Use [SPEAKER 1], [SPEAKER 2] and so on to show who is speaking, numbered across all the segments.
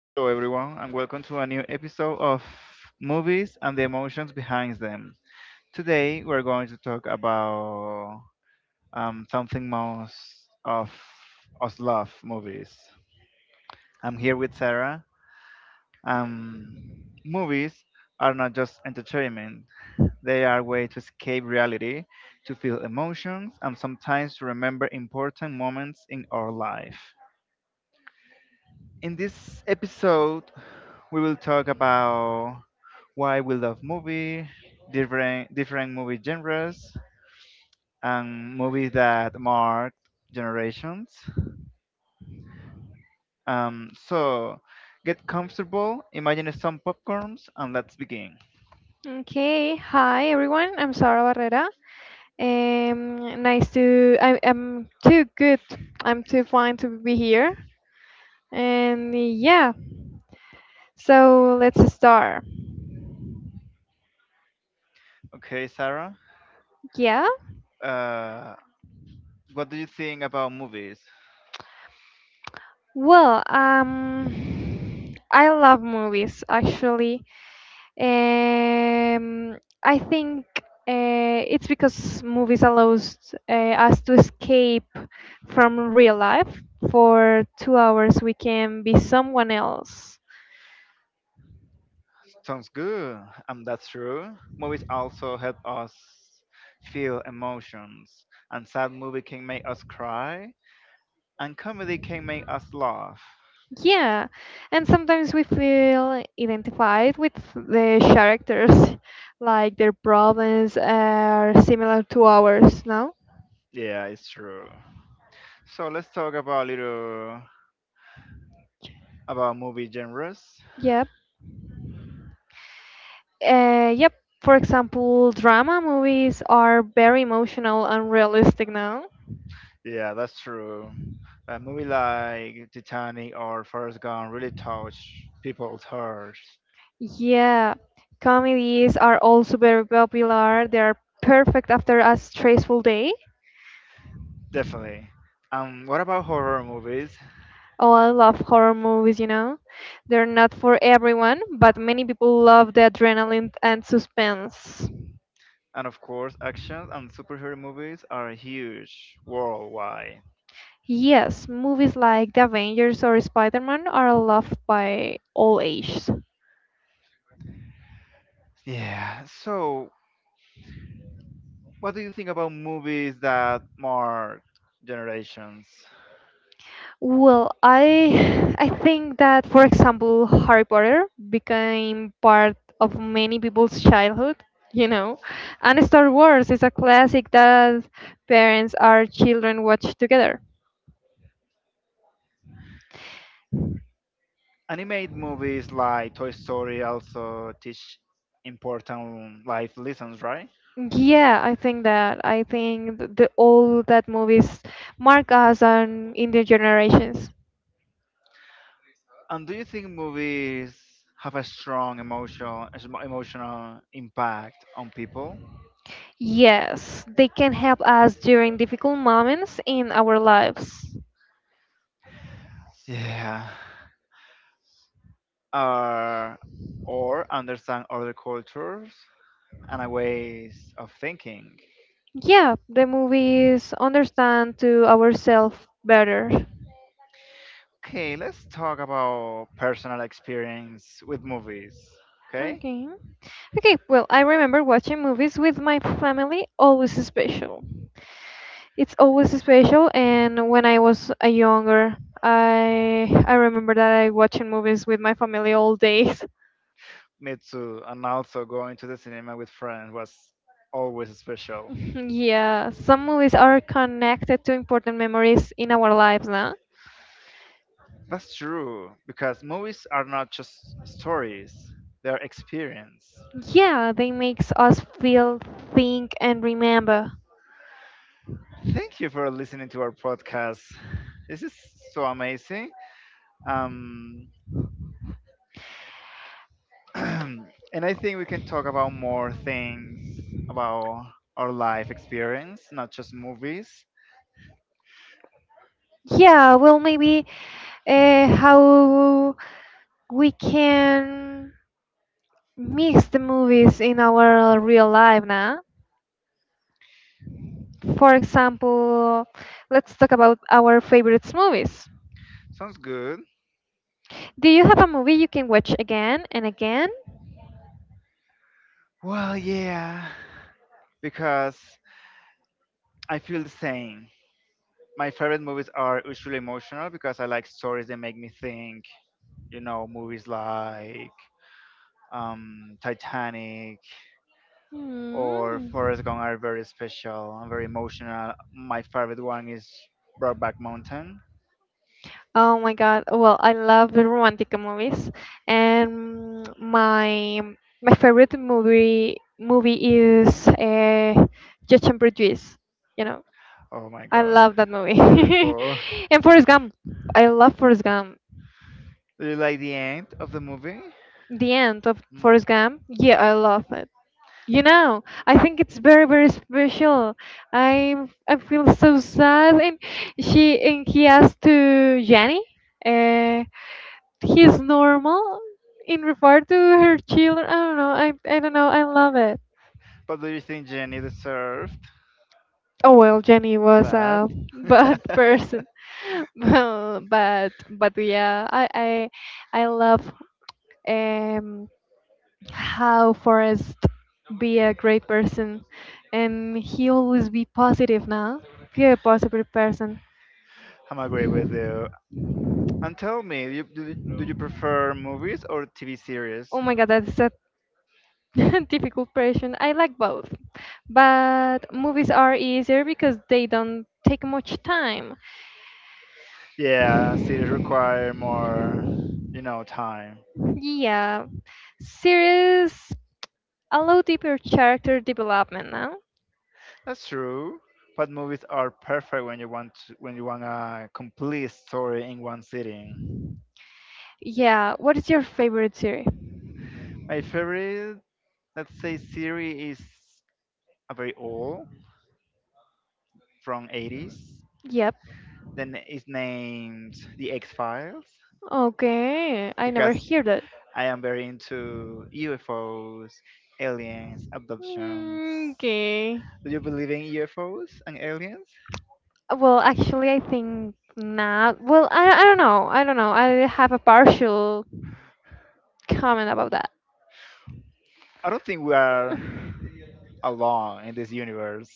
[SPEAKER 1] Hello everyone and welcome to a new episode of Movies and the Emotions Behind Them. Today we're going to talk about something most of us love movies. I'm here with Sarah. Um, movies are not just entertainment. They are a way to escape reality, to feel emotions, and sometimes to remember important moments in our life. In this episode we will talk about why we love movie, different movie genres, and movies that marked generations. So get comfortable, imagine some popcorns, and let's begin.
[SPEAKER 2] Okay, hi everyone. I'm Sara Barrera. Nice to. I'm too good. I'm too fine to be here. And yeah, so let's start.
[SPEAKER 1] Okay, Sarah,
[SPEAKER 2] Yeah.
[SPEAKER 1] uh, what do you think about movies?
[SPEAKER 2] Well, I love movies actually. Um, I think it's because movies allows us to escape from real life. For 2 hours, we can be someone else.
[SPEAKER 1] Sounds good. That's true. Movies also help us feel emotions, and sad movie can make us cry, and comedy can make us laugh.
[SPEAKER 2] Yeah, and sometimes we feel identified with the characters, like their problems are similar to ours, no?
[SPEAKER 1] Yeah, it's true. So let's talk about little about movie genres.
[SPEAKER 2] Yep. Yep. For example, drama movies are very emotional and realistic now.
[SPEAKER 1] Yeah, that's true. A movie like Titanic or Forrest Gump really touch people's hearts.
[SPEAKER 2] Yeah, comedies are also very popular. They are perfect after a stressful day.
[SPEAKER 1] Definitely. What about horror movies?
[SPEAKER 2] Oh, I love horror movies, you know. They're not for everyone, but many people love the adrenaline and suspense.
[SPEAKER 1] And of course, action and superhero movies are huge worldwide.
[SPEAKER 2] Yes, movies like The Avengers or Spider-Man are loved by all ages.
[SPEAKER 1] Yeah. So, what do you think about movies that mark generations?
[SPEAKER 2] Well, I I think that for example, Harry Potter became part of many people's childhood, you know. And Star Wars is a classic that parents or children watch together.
[SPEAKER 1] Animated movies like Toy Story also teach important life lessons, right?
[SPEAKER 2] Yeah, I think that. I think the all that movies mark us and in the generations.
[SPEAKER 1] And do you think movies have a strong emotional emotional impact on people?
[SPEAKER 2] Yes, they can help us during difficult moments in our lives.
[SPEAKER 1] Yeah. Or or understand other cultures and a ways of thinking.
[SPEAKER 2] Yeah, the movies understand to ourselves better.
[SPEAKER 1] Okay, let's talk about personal experience with movies. Okay?
[SPEAKER 2] Okay. Okay, well, I remember watching movies with my family, always special. It's always special, and when I was a younger, I remember that I watching movies with my family all days.
[SPEAKER 1] Me too. And also going to the cinema with friends was always special.
[SPEAKER 2] Yeah, some movies are connected to important memories in our lives, now.
[SPEAKER 1] That's true, because movies are not just stories, they're experience.
[SPEAKER 2] Yeah, they makes us feel, think, and remember.
[SPEAKER 1] Thank you for listening to our podcast. This is so amazing. Um, and I think we can talk about more things about our life experience, not just movies.
[SPEAKER 2] Yeah, well, maybe how we can mix the movies in our real life now. For example, let's talk about our favorite movies.
[SPEAKER 1] Sounds good.
[SPEAKER 2] Do you have a movie you can watch again and again?
[SPEAKER 1] Well, yeah, because I feel the same. My favorite movies are usually emotional because I like stories that make me think, you know, movies like Titanic or
[SPEAKER 2] Hmm.
[SPEAKER 1] Forrest Gump are very special and very emotional. My favorite one is Brokeback Mountain.
[SPEAKER 2] Oh my God. Well, I love the romantic movies, and my favorite movie is Judge and Prejudice. You know,
[SPEAKER 1] Oh my
[SPEAKER 2] I
[SPEAKER 1] god,
[SPEAKER 2] love that movie.
[SPEAKER 1] beautiful.
[SPEAKER 2] And Forrest Gump, I love Forrest Gump.
[SPEAKER 1] Do you like the end of the movie?
[SPEAKER 2] The end of
[SPEAKER 1] Mm.
[SPEAKER 2] Forrest Gump, yeah, I love it. You know, I think it's very very special. I I feel so sad, and she and he asked to Jenny. Uh, he's normal in regard to her children. I don't know. I don't know. I love it.
[SPEAKER 1] But do you think Jenny deserved
[SPEAKER 2] Oh well, Jenny was
[SPEAKER 1] that?
[SPEAKER 2] a bad person, Well, but yeah, I love um how Forrest be a great person, and he always be positive now. Be a positive person.
[SPEAKER 1] I'm agree with you. And tell me, you, do you prefer movies or TV series?
[SPEAKER 2] Oh my god, that's a difficult question. I like both. But movies are easier because they don't take much time.
[SPEAKER 1] Yeah, series require more, you know, time.
[SPEAKER 2] Yeah, series allow deeper character development, no?
[SPEAKER 1] That's true. But movies are perfect when you want to, when you want a complete story in one sitting.
[SPEAKER 2] Yeah, what is your favorite series?
[SPEAKER 1] My favorite, let's say, series is a very old from '80s.
[SPEAKER 2] Yep,
[SPEAKER 1] Then it's named The X Files
[SPEAKER 2] okay, I never
[SPEAKER 1] because
[SPEAKER 2] hear that.
[SPEAKER 1] I am very into UFOs, aliens, abductions.
[SPEAKER 2] Mm, okay.
[SPEAKER 1] Do you believe in UFOs and aliens?
[SPEAKER 2] Well, actually, I think not. Well, I don't know. I don't know. I have a partial comment about that.
[SPEAKER 1] I don't think we are alone in this universe.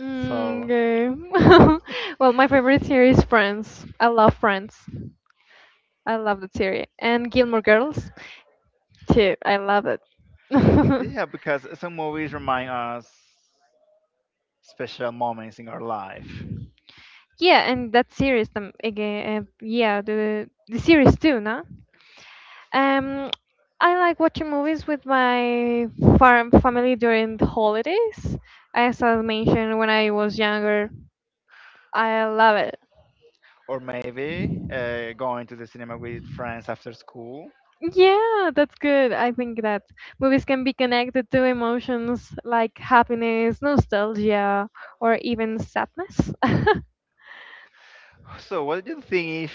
[SPEAKER 2] Mm,
[SPEAKER 1] So.
[SPEAKER 2] okay. Well, my favorite series is Friends. I love Friends. I love that series. And Gilmore Girls, too. I love it.
[SPEAKER 1] Yeah, because
[SPEAKER 2] Yeah,
[SPEAKER 1] some movies remind us special moments in our life,
[SPEAKER 2] yeah, and that series, again, yeah, the series too, no? Um, I like watching movies with my farm family during the holidays. As I mentioned, when I was younger, I love it.
[SPEAKER 1] or maybe going to the cinema with friends after school.
[SPEAKER 2] Yeah, that's good. I think that movies can be connected to emotions like happiness, nostalgia, or even sadness.
[SPEAKER 1] So, what do you think if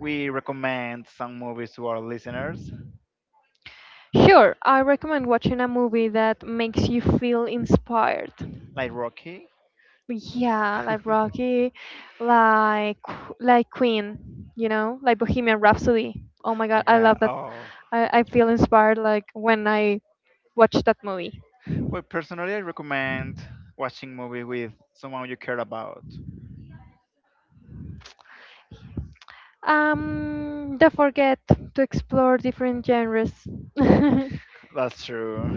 [SPEAKER 1] we recommend some movies to our listeners,
[SPEAKER 2] Sure, I recommend watching a movie that makes you feel inspired.
[SPEAKER 1] like Rocky?
[SPEAKER 2] Yeah, like Rocky, like like Queen, you know, like Bohemian Rhapsody. Oh my God, I
[SPEAKER 1] Okay.
[SPEAKER 2] love that.
[SPEAKER 1] Oh,
[SPEAKER 2] I feel inspired like when I watch that movie.
[SPEAKER 1] well, personally, I recommend watching movie with someone you care about.
[SPEAKER 2] Don't forget to explore different genres.
[SPEAKER 1] That's true,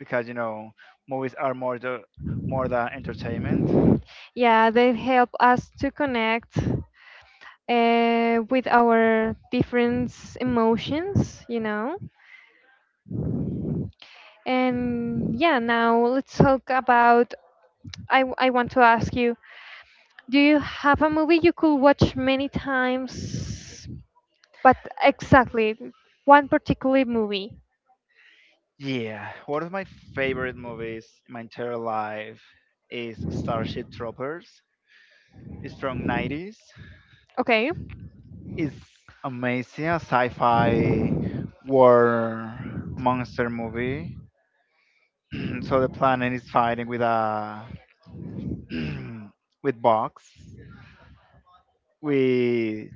[SPEAKER 1] because you know movies are more more than entertainment.
[SPEAKER 2] Yeah, they help us to connect with our different emotions. And yeah, now let's talk about. I want to ask you, do you have a movie you could watch many times? But exactly, one particular movie.
[SPEAKER 1] Yeah, one of my favorite movies in my entire life is Starship Troopers. It's from '90s.
[SPEAKER 2] Okay,
[SPEAKER 1] It's amazing, a sci-fi war monster movie. so the planet is fighting with a with bugs, with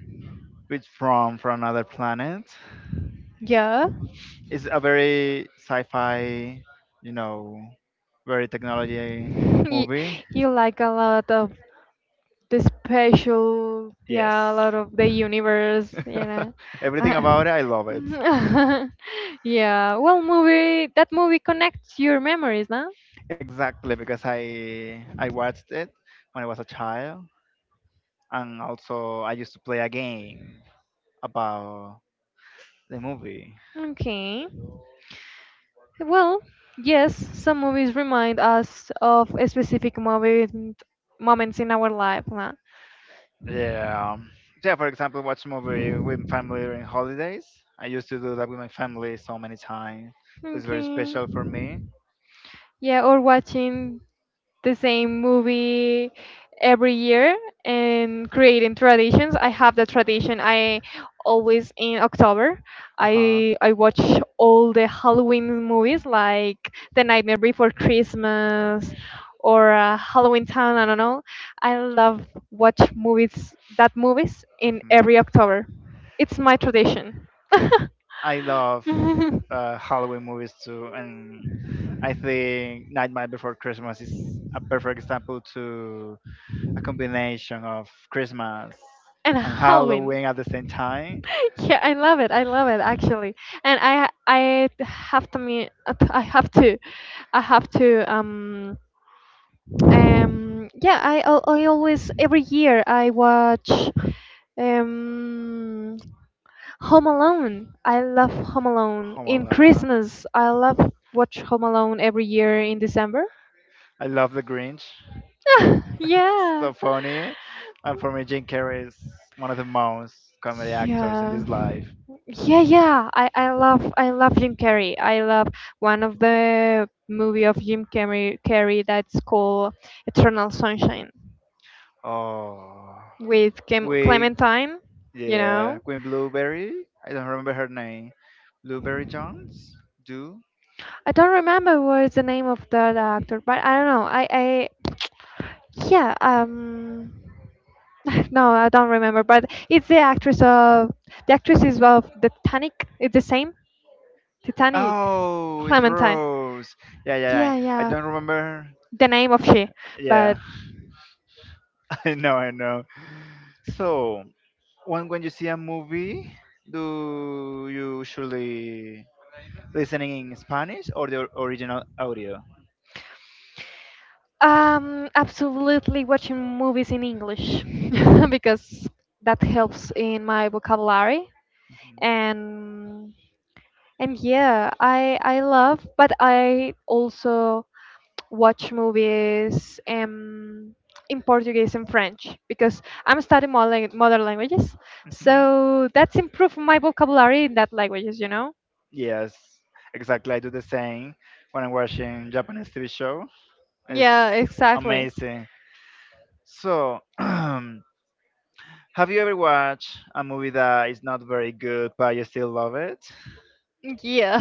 [SPEAKER 1] with from another planet.
[SPEAKER 2] yeah.
[SPEAKER 1] It's a very sci-fi, you know, very technology
[SPEAKER 2] You,
[SPEAKER 1] movie.
[SPEAKER 2] you like a lot of the special,
[SPEAKER 1] Yes.
[SPEAKER 2] yeah, a lot of the universe, you know.
[SPEAKER 1] Everything about it, I love it.
[SPEAKER 2] Yeah, well, movie that movie connects your memories, no?
[SPEAKER 1] Exactly, because I watched it when I was a child, and also I used to play a game about the movie.
[SPEAKER 2] Okay. Well, yes, some movies remind us of a specific moment, moments in our life, no?
[SPEAKER 1] Yeah, yeah. For example, watch movie with family during holidays. I used to do that with my family so many times. So it's very
[SPEAKER 2] Okay.
[SPEAKER 1] special for me.
[SPEAKER 2] Yeah, or watching the same movie every year and creating traditions. I have the tradition. I always in October,
[SPEAKER 1] Uh-huh.
[SPEAKER 2] I watch all the Halloween movies like The Nightmare Before
[SPEAKER 1] Uh huh.
[SPEAKER 2] Christmas or Halloween Town. I don't know. I love watch movies that movies in
[SPEAKER 1] Mhm.
[SPEAKER 2] every October. It's my tradition.
[SPEAKER 1] I love Halloween movies too, and I think Nightmare Before Christmas is a perfect example to a combination of Christmas
[SPEAKER 2] And
[SPEAKER 1] and
[SPEAKER 2] Halloween.
[SPEAKER 1] Halloween at the same time.
[SPEAKER 2] Yeah, I love it. I love it actually. And I have to me I have to I have to yeah, I always every year I watch um Home Alone. I love Home Alone.
[SPEAKER 1] Oh my
[SPEAKER 2] In
[SPEAKER 1] God.
[SPEAKER 2] Christmas, I love watch Home Alone every year in December.
[SPEAKER 1] I love The Grinch. It's
[SPEAKER 2] Yeah.
[SPEAKER 1] so funny. And for me, Jim Carrey is one of the most comedy actors in
[SPEAKER 2] Yeah.
[SPEAKER 1] this life.
[SPEAKER 2] Yeah, yeah. I love Jim Carrey. I love one of the movie of Jim Carrey that's called Eternal Sunshine
[SPEAKER 1] Oh,
[SPEAKER 2] with Clem
[SPEAKER 1] we
[SPEAKER 2] Clementine. You know,
[SPEAKER 1] yeah, Queen Blueberry. I don't remember her name. Blueberry Jones. Do
[SPEAKER 2] I don't remember what is the name of that actor, but I don't know. I yeah no I don't remember, but it's the actress is of the Titanic. It's the same Titanic
[SPEAKER 1] Oh, it's
[SPEAKER 2] Clementine.
[SPEAKER 1] Rose. Yeah, yeah, yeah.
[SPEAKER 2] Yeah,
[SPEAKER 1] I
[SPEAKER 2] yeah.
[SPEAKER 1] don't remember.
[SPEAKER 2] The name of she, but
[SPEAKER 1] Yeah, I know, I know. So, when you see a movie, do you usually listening in Spanish or the original audio?
[SPEAKER 2] Absolutely watching movies in English because that helps in my vocabulary
[SPEAKER 1] Mhm.
[SPEAKER 2] and and yeah, I love, but I also watch movies in Portuguese and French because I'm studying modern languages,
[SPEAKER 1] Mhm.
[SPEAKER 2] so that's improved my vocabulary in that languages, you know?
[SPEAKER 1] Yes, exactly. I do the same when I'm watching Japanese TV show. It's
[SPEAKER 2] Yeah, exactly.
[SPEAKER 1] amazing. So, have you ever watched a movie that is not very good, but you still love it?
[SPEAKER 2] Yeah,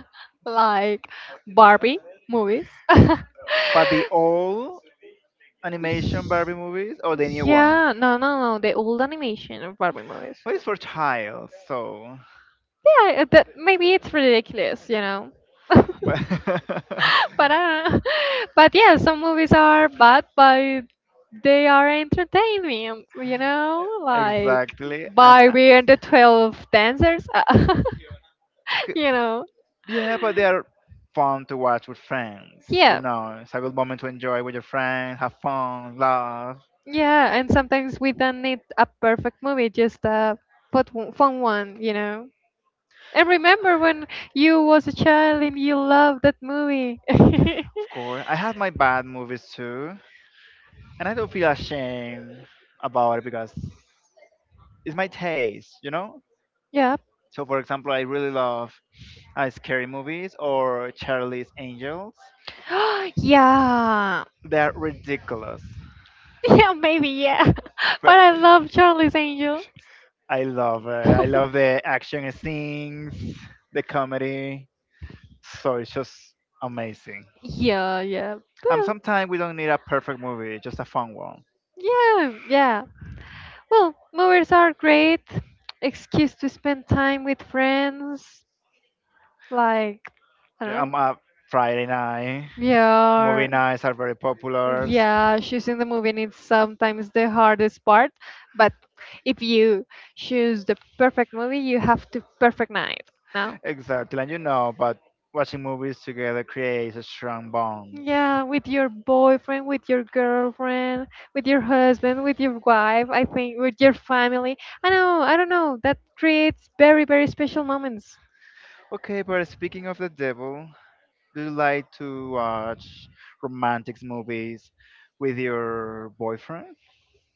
[SPEAKER 2] like Barbie movies.
[SPEAKER 1] But the old animation Barbie movies or the new one?
[SPEAKER 2] Yeah, no, no, no, the old animation of Barbie movies.
[SPEAKER 1] Well, it's for child, so.
[SPEAKER 2] Yeah, that maybe it's ridiculous, you know.
[SPEAKER 1] but-
[SPEAKER 2] but But yeah, some movies are bad, but they are entertaining, you know, like
[SPEAKER 1] Exactly. And
[SPEAKER 2] Barbie and the 12 Dancers,
[SPEAKER 1] c-
[SPEAKER 2] you know.
[SPEAKER 1] yeah, but they are fun to watch with friends. You
[SPEAKER 2] Yeah.
[SPEAKER 1] know, it's a good moment to enjoy with your friends, have fun, laugh.
[SPEAKER 2] Yeah, and sometimes we don't need a perfect movie, just a put one, fun one, you know. And remember when you was a child and you loved that movie.
[SPEAKER 1] Of course, I have my bad movies too, and I don't feel ashamed about it because it's my taste. You know.
[SPEAKER 2] Yeah.
[SPEAKER 1] So, for example, I really love scary movies or Charlie's Angels.
[SPEAKER 2] Yeah.
[SPEAKER 1] They're ridiculous,
[SPEAKER 2] Yeah, maybe yeah.
[SPEAKER 1] but
[SPEAKER 2] But I love Charlie's Angel.
[SPEAKER 1] I love it. I love the action scenes, the comedy. So it's just amazing.
[SPEAKER 2] Yeah, yeah. Well,
[SPEAKER 1] Sometimes we don't need a perfect movie, just a fun one.
[SPEAKER 2] yeah, yeah. Well, movies are great excuse to spend time with friends. Like, I don't know.
[SPEAKER 1] Um, uh, Friday night movie
[SPEAKER 2] Yeah.
[SPEAKER 1] nights are very popular.
[SPEAKER 2] Yeah, choosing the movie is sometimes the hardest part, but if you choose the perfect movie, you have to perfect night. Now,
[SPEAKER 1] Exactly, and you know, but watching movies together creates a strong bond.
[SPEAKER 2] yeah, with your boyfriend, with your girlfriend, with your husband, with your wife, I think with your family. I know, I don't know. That creates very, very special moments.
[SPEAKER 1] Okay, but speaking of the devil, do you like to watch romantic movies with your boyfriend?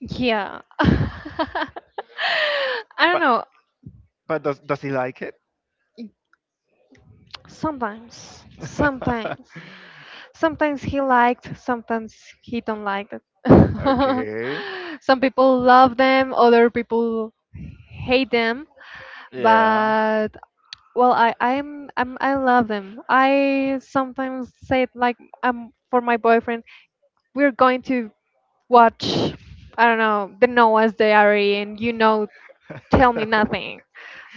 [SPEAKER 2] Yeah. I don't
[SPEAKER 1] But
[SPEAKER 2] know.
[SPEAKER 1] But does he like it?
[SPEAKER 2] Sometimes, sometimes, sometimes, he liked, sometimes he don't like it.
[SPEAKER 1] okay.
[SPEAKER 2] Some people love them, other people hate them.
[SPEAKER 1] Yeah.
[SPEAKER 2] But well, I love them. I sometimes say it like for my boyfriend, we're going to watch I don't know the Noah's Diary, and tell me nothing.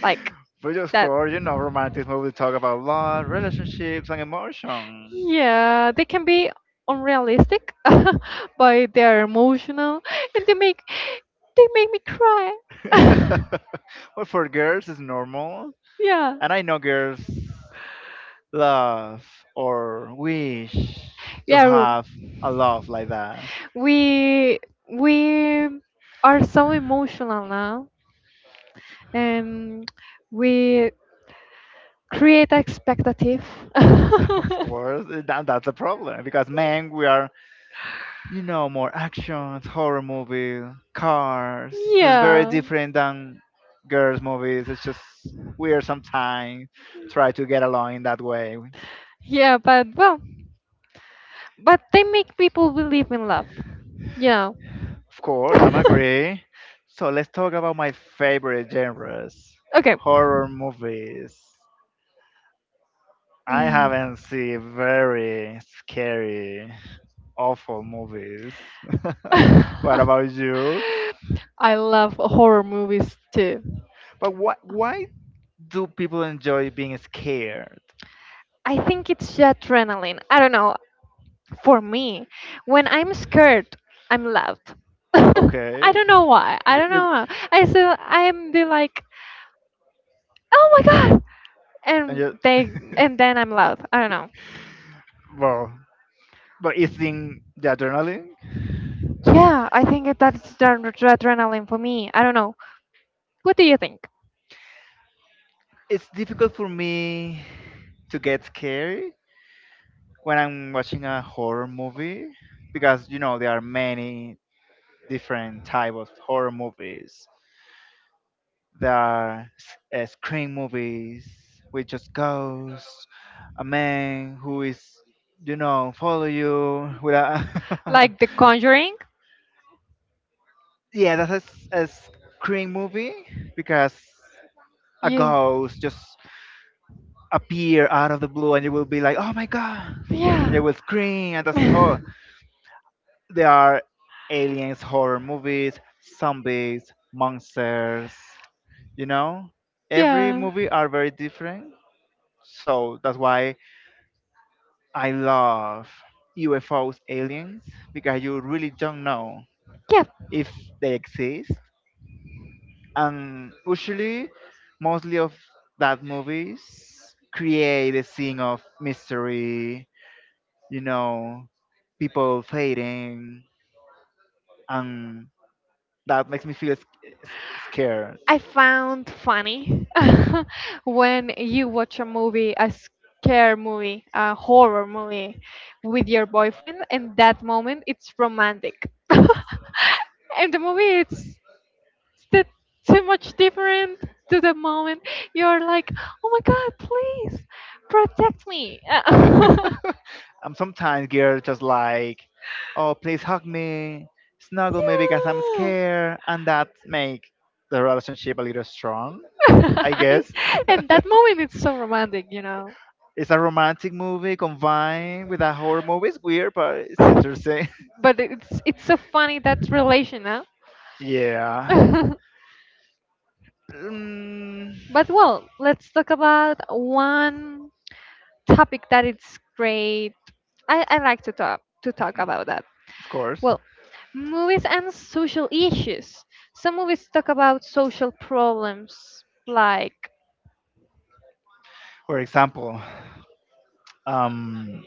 [SPEAKER 2] Like
[SPEAKER 1] but of
[SPEAKER 2] that. Or,
[SPEAKER 1] course, you know,
[SPEAKER 2] romantic,
[SPEAKER 1] romantic
[SPEAKER 2] where we
[SPEAKER 1] movies
[SPEAKER 2] talk
[SPEAKER 1] talk about
[SPEAKER 2] about love,
[SPEAKER 1] love,
[SPEAKER 2] relationships,
[SPEAKER 1] relationships, and
[SPEAKER 2] and emotions.
[SPEAKER 1] emotion.
[SPEAKER 2] Yeah, they can be unrealistic but they are emotional and they make me cry.
[SPEAKER 1] well, for girls, it's normal.
[SPEAKER 2] Yeah, and
[SPEAKER 1] And
[SPEAKER 2] I
[SPEAKER 1] I
[SPEAKER 2] know
[SPEAKER 1] know girls
[SPEAKER 2] girls,
[SPEAKER 1] love or wish to
[SPEAKER 2] yeah, love
[SPEAKER 1] have a
[SPEAKER 2] a lot
[SPEAKER 1] love like
[SPEAKER 2] like that.
[SPEAKER 1] that.
[SPEAKER 2] we we are so emotional now and we create expectative.
[SPEAKER 1] Of course, that's a problem because
[SPEAKER 2] That thing.
[SPEAKER 1] men, we are you know, more actions, horror movie, cars. It's very
[SPEAKER 2] Yeah.
[SPEAKER 1] different than girls' movies. It's just weird sometimes. Try to get along in that way.
[SPEAKER 2] Yeah, but well, but they make people believe in love. Yeah.
[SPEAKER 1] Of course, I'm agree. So let's talk about my favorite genres.
[SPEAKER 2] Okay.
[SPEAKER 1] Horror movies. I
[SPEAKER 2] Mm.
[SPEAKER 1] haven't seen very scary, awful movies. what about you?
[SPEAKER 2] I love horror movies too.
[SPEAKER 1] But why do people enjoy being scared?
[SPEAKER 2] I think it's the adrenaline. I don't know. For me when I'm scared I'm loud. I
[SPEAKER 1] Okay.
[SPEAKER 2] don't know why I
[SPEAKER 1] Y-
[SPEAKER 2] don't know
[SPEAKER 1] You,
[SPEAKER 2] why. I so I'm be like oh my god,
[SPEAKER 1] and
[SPEAKER 2] and
[SPEAKER 1] you,
[SPEAKER 2] they and then I'm loud, I don't know.
[SPEAKER 1] well, but it's in the adrenaline.
[SPEAKER 2] Yeah, I think that that's the adrenaline for me, I don't know, what do you think?
[SPEAKER 1] It's difficult for me to get scary when I'm watching a horror movie because you know there are many different type of horror movies. There are scream movies with just ghosts, a man who is you know follow you with a
[SPEAKER 2] Like The Conjuring.
[SPEAKER 1] yeah, that's a, a screen movie because a
[SPEAKER 2] Yeah.
[SPEAKER 1] ghost just appear out of the blue and you will be like, oh my god, and they
[SPEAKER 2] Yeah.
[SPEAKER 1] will scream and that's oh, there are aliens, horror movies, zombies, monsters, you know, every
[SPEAKER 2] Yeah. Yeah.
[SPEAKER 1] movie are very different. So that's why I love UFOs, aliens because you really don't know if they exist and usually mostly of that movies create a scene of mystery you know people fading and that makes me feel s- scared.
[SPEAKER 2] I found funny when you watch a movie, a scare movie, a horror movie with your boyfriend, and that moment it's romantic. And the movie it's too much different to the moment you're like, oh my god, please protect me.
[SPEAKER 1] And sometimes girls just like oh
[SPEAKER 2] Yeah.
[SPEAKER 1] please hug me snuggle me because I'm scared and that make the relationship a little strong I guess
[SPEAKER 2] And that moment it's so romantic, you know.
[SPEAKER 1] it's a romantic movie combined with a horror movie it's weird but it's interesting.
[SPEAKER 2] But it's so funny that relation, huh?
[SPEAKER 1] yeah. Mm,
[SPEAKER 2] But well, let's talk about one topic that it's great. I like to talk about that.
[SPEAKER 1] of course.
[SPEAKER 2] Well, movies and social issues. Some movies talk about social problems like
[SPEAKER 1] For example, um,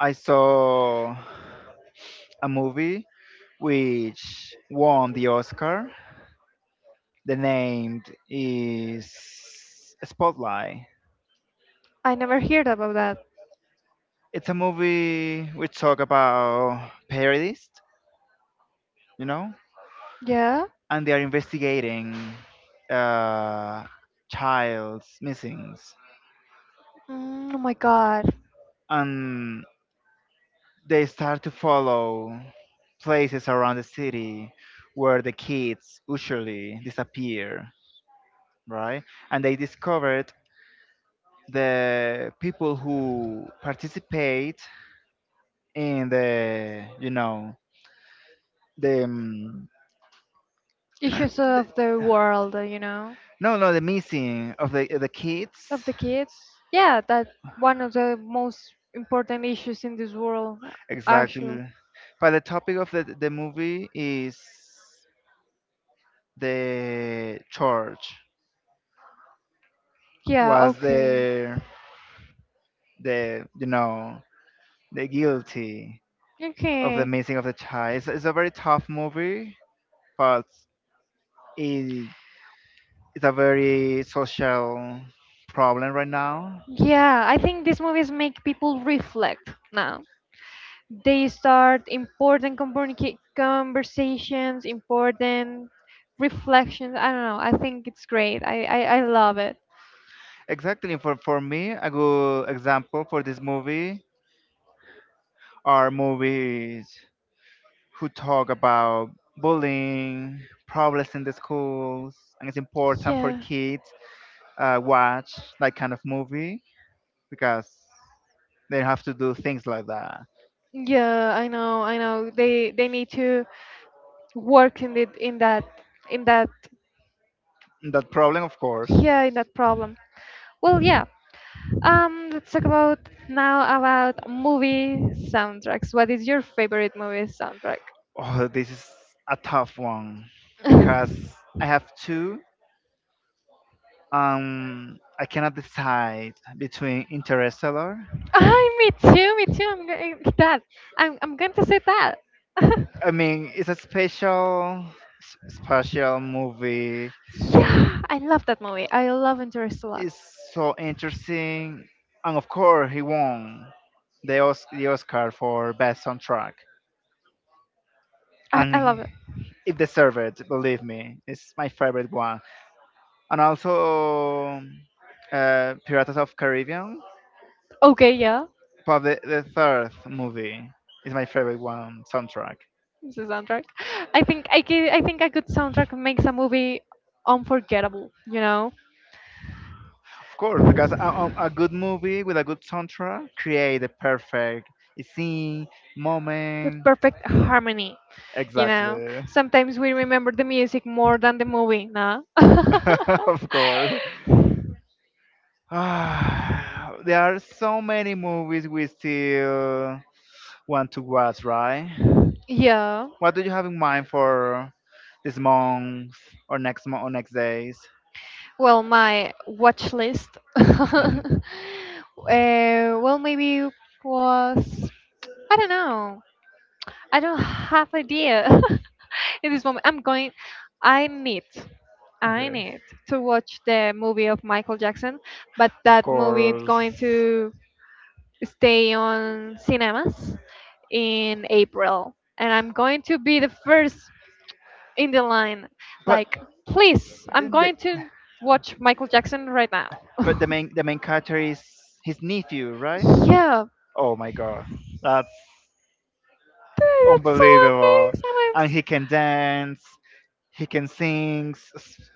[SPEAKER 1] I saw a movie which won the Oscar. The name is Spotlight.
[SPEAKER 2] I never heard about that.
[SPEAKER 1] It's a movie which talk about terrorists, you know,
[SPEAKER 2] Yeah.
[SPEAKER 1] and they are investigating uh, child's missings.
[SPEAKER 2] Mm, oh my god.
[SPEAKER 1] And they start to follow places around the city where the kids usually disappear, right? And they discovered the people who participate in the, you know, the, um,
[SPEAKER 2] Issues
[SPEAKER 1] the
[SPEAKER 2] of the world, you know,
[SPEAKER 1] no, no, the missing of the kids.
[SPEAKER 2] of the kids. Yeah, that one of the most important issues in this world, actually.
[SPEAKER 1] Exactly. But the topic of the movie is the church
[SPEAKER 2] Yeah,
[SPEAKER 1] was
[SPEAKER 2] okay.
[SPEAKER 1] the you know the guilty of the
[SPEAKER 2] Okay.
[SPEAKER 1] missing of the child. It's a very tough movie, but it, it's a very social problem right now.
[SPEAKER 2] Yeah, I think these movies make people reflect now. They start important conversations, important reflections. I don't know. I think it's great. I love it.
[SPEAKER 1] Exactly for me, a good example for this movie are movies who talk about bullying, problems in the schools, and it's important for
[SPEAKER 2] Yeah.
[SPEAKER 1] kids watch that kind of movie because they have to do things like that.
[SPEAKER 2] Yeah, I know, I know. They need to work in it in that in that
[SPEAKER 1] That problem, of course.
[SPEAKER 2] yeah, in that problem. Well, yeah. Let's talk about now about movie soundtracks. What is your favorite movie soundtrack?
[SPEAKER 1] Oh, this is a tough one because I have two. I cannot decide between Interstellar.
[SPEAKER 2] Ay, me too, me too. I'm going that. I'm going to say that.
[SPEAKER 1] I mean, it's a special, special movie.
[SPEAKER 2] Yeah, I love that movie. I love Interstellar.
[SPEAKER 1] It's so interesting, and of course, he won the Oscar for best soundtrack,
[SPEAKER 2] I,
[SPEAKER 1] and
[SPEAKER 2] I love it.
[SPEAKER 1] it deserved it. Believe me, it's my favorite one. And also, Pirates of Caribbean
[SPEAKER 2] Okay, yeah,
[SPEAKER 1] But the third movie is my favorite one soundtrack.
[SPEAKER 2] this is soundtrack. I think a good soundtrack makes a movie unforgettable.
[SPEAKER 1] Of course, because a good movie with a good soundtrack create the perfect scene,
[SPEAKER 2] The
[SPEAKER 1] moment.
[SPEAKER 2] perfect harmony. You know,
[SPEAKER 1] Exactly.
[SPEAKER 2] Sometimes we remember the music more than the movie. Nah.
[SPEAKER 1] of course. Ah, there are so many movies we still want to watch, right?
[SPEAKER 2] Yeah.
[SPEAKER 1] What do you have in mind for this month or next days?
[SPEAKER 2] Well, my watch list. uh, well, maybe was I don't know. I don't have idea in this moment. I'm going. I need. I
[SPEAKER 1] okay.
[SPEAKER 2] need to watch the movie of Michael Jackson, but
[SPEAKER 1] Of
[SPEAKER 2] that movie is
[SPEAKER 1] course.
[SPEAKER 2] going to stay on cinemas in April, and I'm going to be the first in the line.
[SPEAKER 1] But
[SPEAKER 2] Like, please, I'm
[SPEAKER 1] the
[SPEAKER 2] going to watch Michael Jackson right now.
[SPEAKER 1] but the main character is his nephew, right?
[SPEAKER 2] Yeah.
[SPEAKER 1] Oh my god. That's
[SPEAKER 2] That's so
[SPEAKER 1] unbelievable.
[SPEAKER 2] amazing. I'm
[SPEAKER 1] And he can dance, he can sing. S-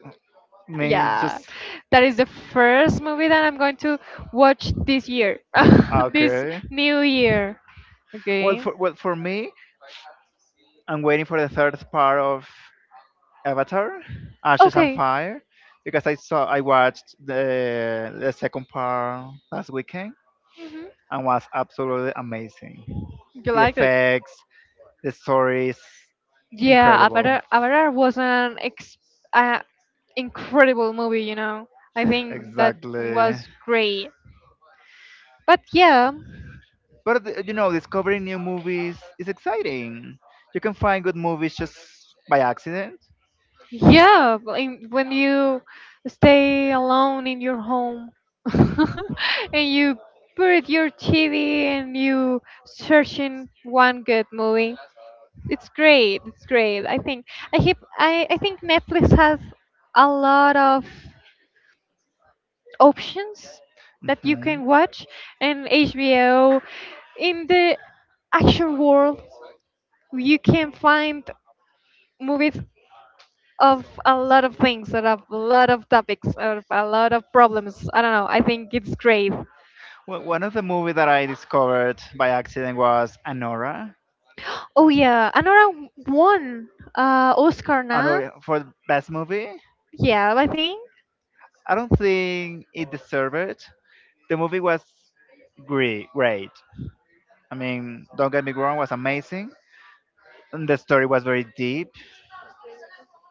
[SPEAKER 1] Me it's
[SPEAKER 2] yeah,
[SPEAKER 1] just
[SPEAKER 2] that is the first movie that I'm going to watch this year, this
[SPEAKER 1] okay.
[SPEAKER 2] new year.
[SPEAKER 1] Well
[SPEAKER 2] Okay.
[SPEAKER 1] for well for me, I'm waiting for the third part of Avatar, Ashes and
[SPEAKER 2] Okay.
[SPEAKER 1] Fire, because I saw I watched the second part last weekend
[SPEAKER 2] Hmm.
[SPEAKER 1] and was absolutely amazing.
[SPEAKER 2] You
[SPEAKER 1] The
[SPEAKER 2] like it?
[SPEAKER 1] effects, the story is
[SPEAKER 2] Yeah,
[SPEAKER 1] incredible.
[SPEAKER 2] Avatar was an uh, incredible movie, you know. I think that
[SPEAKER 1] Exactly.
[SPEAKER 2] was great. But yeah,
[SPEAKER 1] But th- you know, discovering new movies is exciting. You can find good movies just by accident.
[SPEAKER 2] yeah, like, when you stay alone in your home and you put your TV and you searching one good movie, it's great. It's great. I think I keep, I think Netflix has a lot of options that you
[SPEAKER 1] Mhm.
[SPEAKER 2] can watch, and HBO in the action world you can find movies of a lot of things, out of a lot of topics, of a lot of problems. I don't know. I think it's great.
[SPEAKER 1] Well, one of the movies that I discovered by accident was Anora.
[SPEAKER 2] Oh yeah, Anora won Oscar, nah?
[SPEAKER 1] Anora for the best movie.
[SPEAKER 2] Yeah, I think.
[SPEAKER 1] I don't think it deserved it. The movie was great. Great. I mean, don't get me wrong, was amazing. And the story was very deep.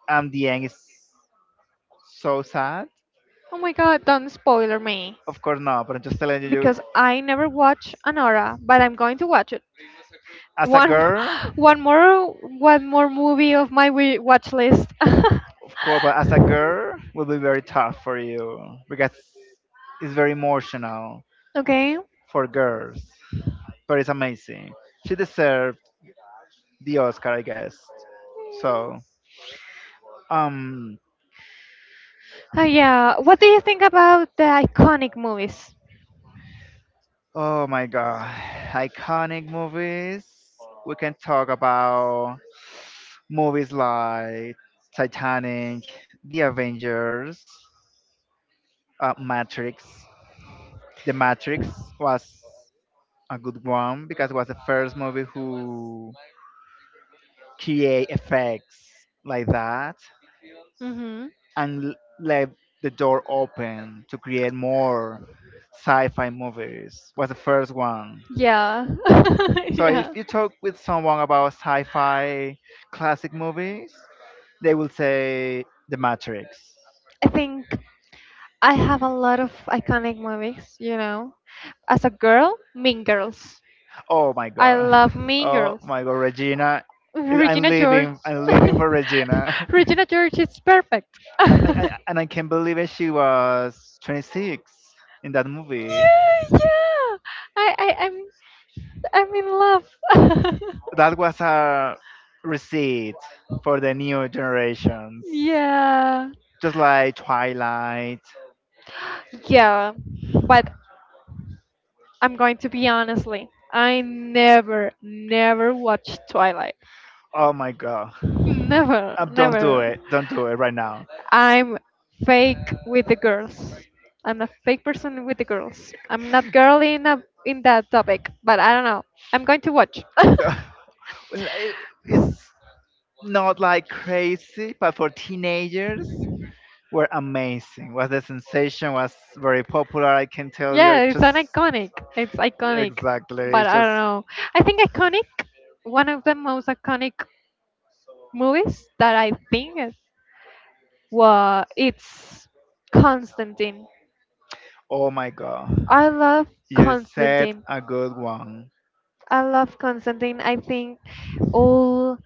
[SPEAKER 1] And the end is so sad.
[SPEAKER 2] Oh my God, don't spoiler me
[SPEAKER 1] Of course not, but I'm just telling you,
[SPEAKER 2] because I never watch Anora, but I'm going to watch
[SPEAKER 1] as a
[SPEAKER 2] one
[SPEAKER 1] girl,
[SPEAKER 2] one more movie of my watch list.
[SPEAKER 1] of course, but as a girl, will be very tough for you because it's very emotional
[SPEAKER 2] Okay.
[SPEAKER 1] for girls. But it's amazing. She deserved the Oscar, I guess. So, um,
[SPEAKER 2] Yeah. What do you think about the iconic movies?
[SPEAKER 1] oh my god, iconic movies. We can talk about movies like Titanic, The Avengers, Matrix. The Matrix was a good one because it was the first movie who create effects like that
[SPEAKER 2] Mhm.
[SPEAKER 1] and left the door open to create more sci-fi movies was the first one
[SPEAKER 2] Yeah.
[SPEAKER 1] so if
[SPEAKER 2] Yeah.
[SPEAKER 1] you talk with someone about sci-fi classic movies they will say the matrix.
[SPEAKER 2] I think I have a lot of iconic movies, you know. As a girl, Mean Girls.
[SPEAKER 1] Oh my
[SPEAKER 2] I
[SPEAKER 1] god.
[SPEAKER 2] love Mean
[SPEAKER 1] oh
[SPEAKER 2] Girls.
[SPEAKER 1] my god Regina. I- i'm
[SPEAKER 2] Regina George.
[SPEAKER 1] leaving i'm leaving for Regina.
[SPEAKER 2] Regina George is perfect. yeah,
[SPEAKER 1] And I can't believe it she was 26 in that movie.
[SPEAKER 2] yeah. I, I, I'm, I'm in love.
[SPEAKER 1] That was a receipt for the new generations.
[SPEAKER 2] yeah,
[SPEAKER 1] Just like Twilight.
[SPEAKER 2] yeah. But I'm going to be honestly. I never, never watched Twilight.
[SPEAKER 1] Oh my god.
[SPEAKER 2] Never,
[SPEAKER 1] Don't do
[SPEAKER 2] never.
[SPEAKER 1] it. Don't do it right now.
[SPEAKER 2] I'm fake with the girls. I'm a fake person with the girls. I'm not girly in that topic, but I don't know. I'm going to watch.
[SPEAKER 1] Well, it's not like crazy, but for teenagers were amazing. Was the sensation was very popular. I can tell you.
[SPEAKER 2] Yeah,
[SPEAKER 1] It
[SPEAKER 2] it's
[SPEAKER 1] just
[SPEAKER 2] an iconic. It's iconic,
[SPEAKER 1] exactly.
[SPEAKER 2] but
[SPEAKER 1] It's
[SPEAKER 2] I don't
[SPEAKER 1] just
[SPEAKER 2] know. I think iconic. One of the most iconic movies that I think is- wa it's Constantine.
[SPEAKER 1] oh my god.
[SPEAKER 2] I love
[SPEAKER 1] You said
[SPEAKER 2] Constantine.
[SPEAKER 1] a good one.
[SPEAKER 2] I love Constantine. I think all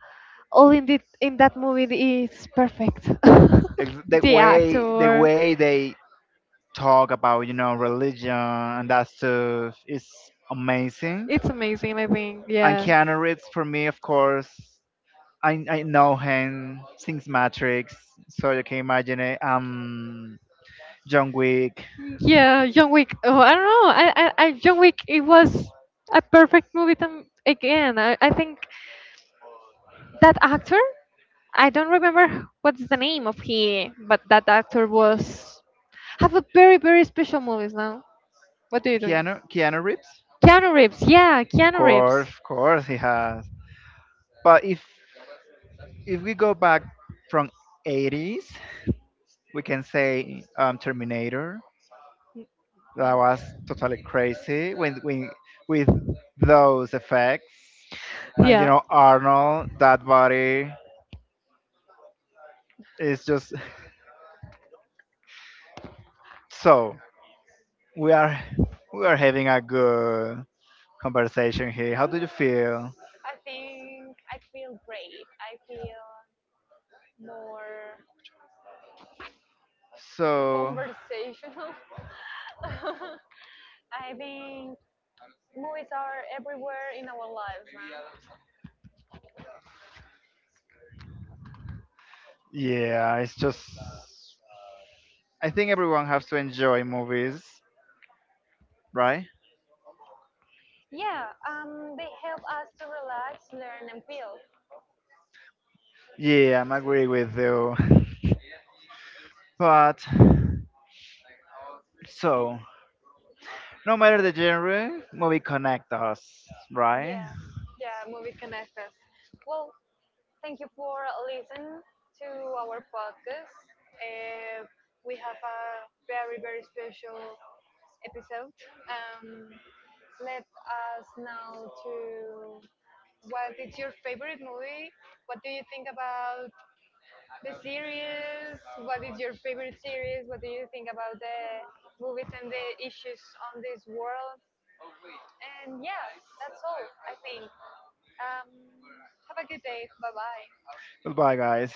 [SPEAKER 2] all in the in that movie is perfect.
[SPEAKER 1] Ex- The
[SPEAKER 2] The
[SPEAKER 1] way the
[SPEAKER 2] actor,
[SPEAKER 1] way they talk about you know religion and that stuff is amazing.
[SPEAKER 2] it's amazing. I think,
[SPEAKER 1] And
[SPEAKER 2] yeah,
[SPEAKER 1] Keanu Reeves for me, of course, I know him since Matrix, so you can imagine it. John Wick,
[SPEAKER 2] yeah. John Wick. Oh, I don't know. I John Wick. It was a perfect movie. Again, I think that actor I don't remember what's the name of he but that actor was have a very very special movies now what do you doing
[SPEAKER 1] Keanu Reeves,
[SPEAKER 2] keanu reeves yeah keanu reeves
[SPEAKER 1] of course he has. But if we go back from '80s, we can say Terminator. That was totally crazy with those effects. And you
[SPEAKER 2] yeah.
[SPEAKER 1] know, Arnold, that body is just so we are we are having a good conversation here. How do you feel?
[SPEAKER 2] I think I feel great. I feel more
[SPEAKER 1] So
[SPEAKER 2] conversational. I think we were in our lives.
[SPEAKER 1] yeah, it's just I think everyone has to enjoy movies, right?
[SPEAKER 2] Yeah, they help us to relax, learn, and feel.
[SPEAKER 1] Yeah, I'm agree with you. But so no matter the genre, movie connect us, right?
[SPEAKER 2] Yeah, yeah, movie connect us. Well, thank you for listening to our podcast. Uh, we have a very, very special episode. Um, Let us know to what is your favorite movie? What do you think about the series? What is your favorite series? What do you think about the movies and the issues on this world, and yeah, that's all, I think. Um, have a good day. Bye bye.
[SPEAKER 1] Goodbye guys.